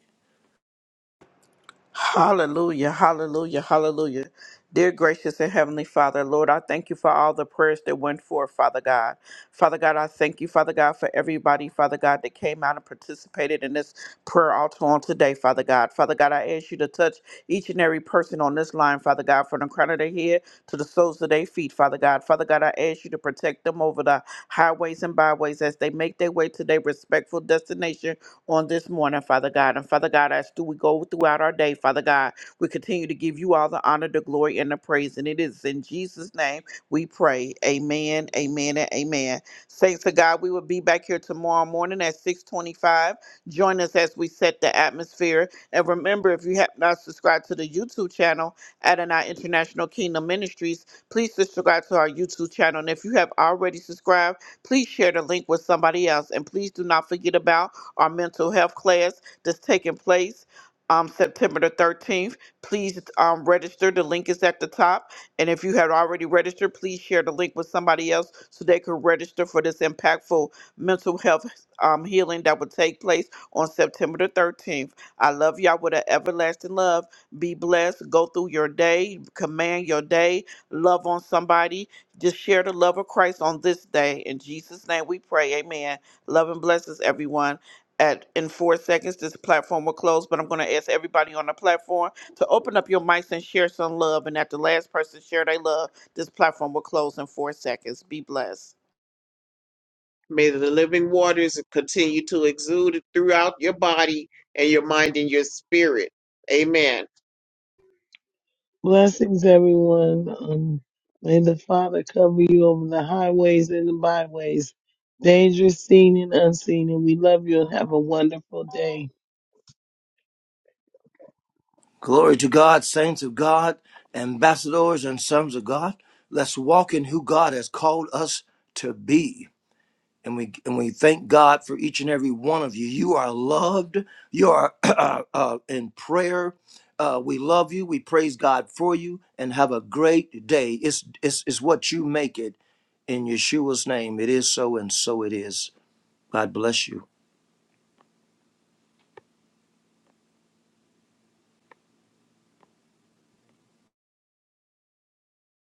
Hallelujah, hallelujah, hallelujah. Dear gracious and heavenly Father, Lord, I thank you for all the prayers that went forth, Father God. Father God, I thank you, Father God, for everybody, Father God, that came out and participated in this prayer altar on today, Father God. Father God, I ask you to touch each and every person on this line, Father God, from the crown of their head to the soles of their feet, Father God. Father God, I ask you to protect them over the highways and byways as they make their way to their respectful destination on this morning, Father God. And Father God, as do we go throughout our day, Father God, we continue to give you all the honor, the glory, and the praise. And it is in Jesus' name we pray. Amen, amen, and amen. Thanks to God, we will be back here tomorrow morning at 625. Join us as we set the atmosphere. And remember, if you have not subscribed to the YouTube channel, Adonai International Kingdom Ministries, please subscribe to our YouTube channel. And if you have already subscribed, please share the link with somebody else. And please do not forget about our mental health class that's taking place um, September the 13th. Please um, register. The link is at the top. And if you had already registered, please share the link with somebody else so they could register for this impactful mental health um, healing that will take place on September the 13th. I love y'all with an everlasting love. Be blessed. Go through your day, command your day, love on somebody. Just share the love of Christ on this day. In Jesus' name we pray. Amen. Love and blessings, everyone at in four seconds. This platform will close, but I'm going to ask everybody on the platform to open up your mics and share some love. And after the last person share their love, this platform will close in four seconds. Be blessed. May the living waters continue to exude throughout your body and your mind and your spirit. Amen. Blessings, everyone. Um, may the Father cover you over the highways and the byways, dangerous, seen and unseen. And we love you and have a wonderful day. Glory to God, saints of God, ambassadors and sons of God. Let's walk in who God has called us to be. and we and we thank God for each and every one of you. You are loved. You are uh, uh, in prayer. Uh, we love you. We praise God for you, and have a great day. It's it's it's what you make it. In Yeshua's name, it is so, and so it is. God bless you.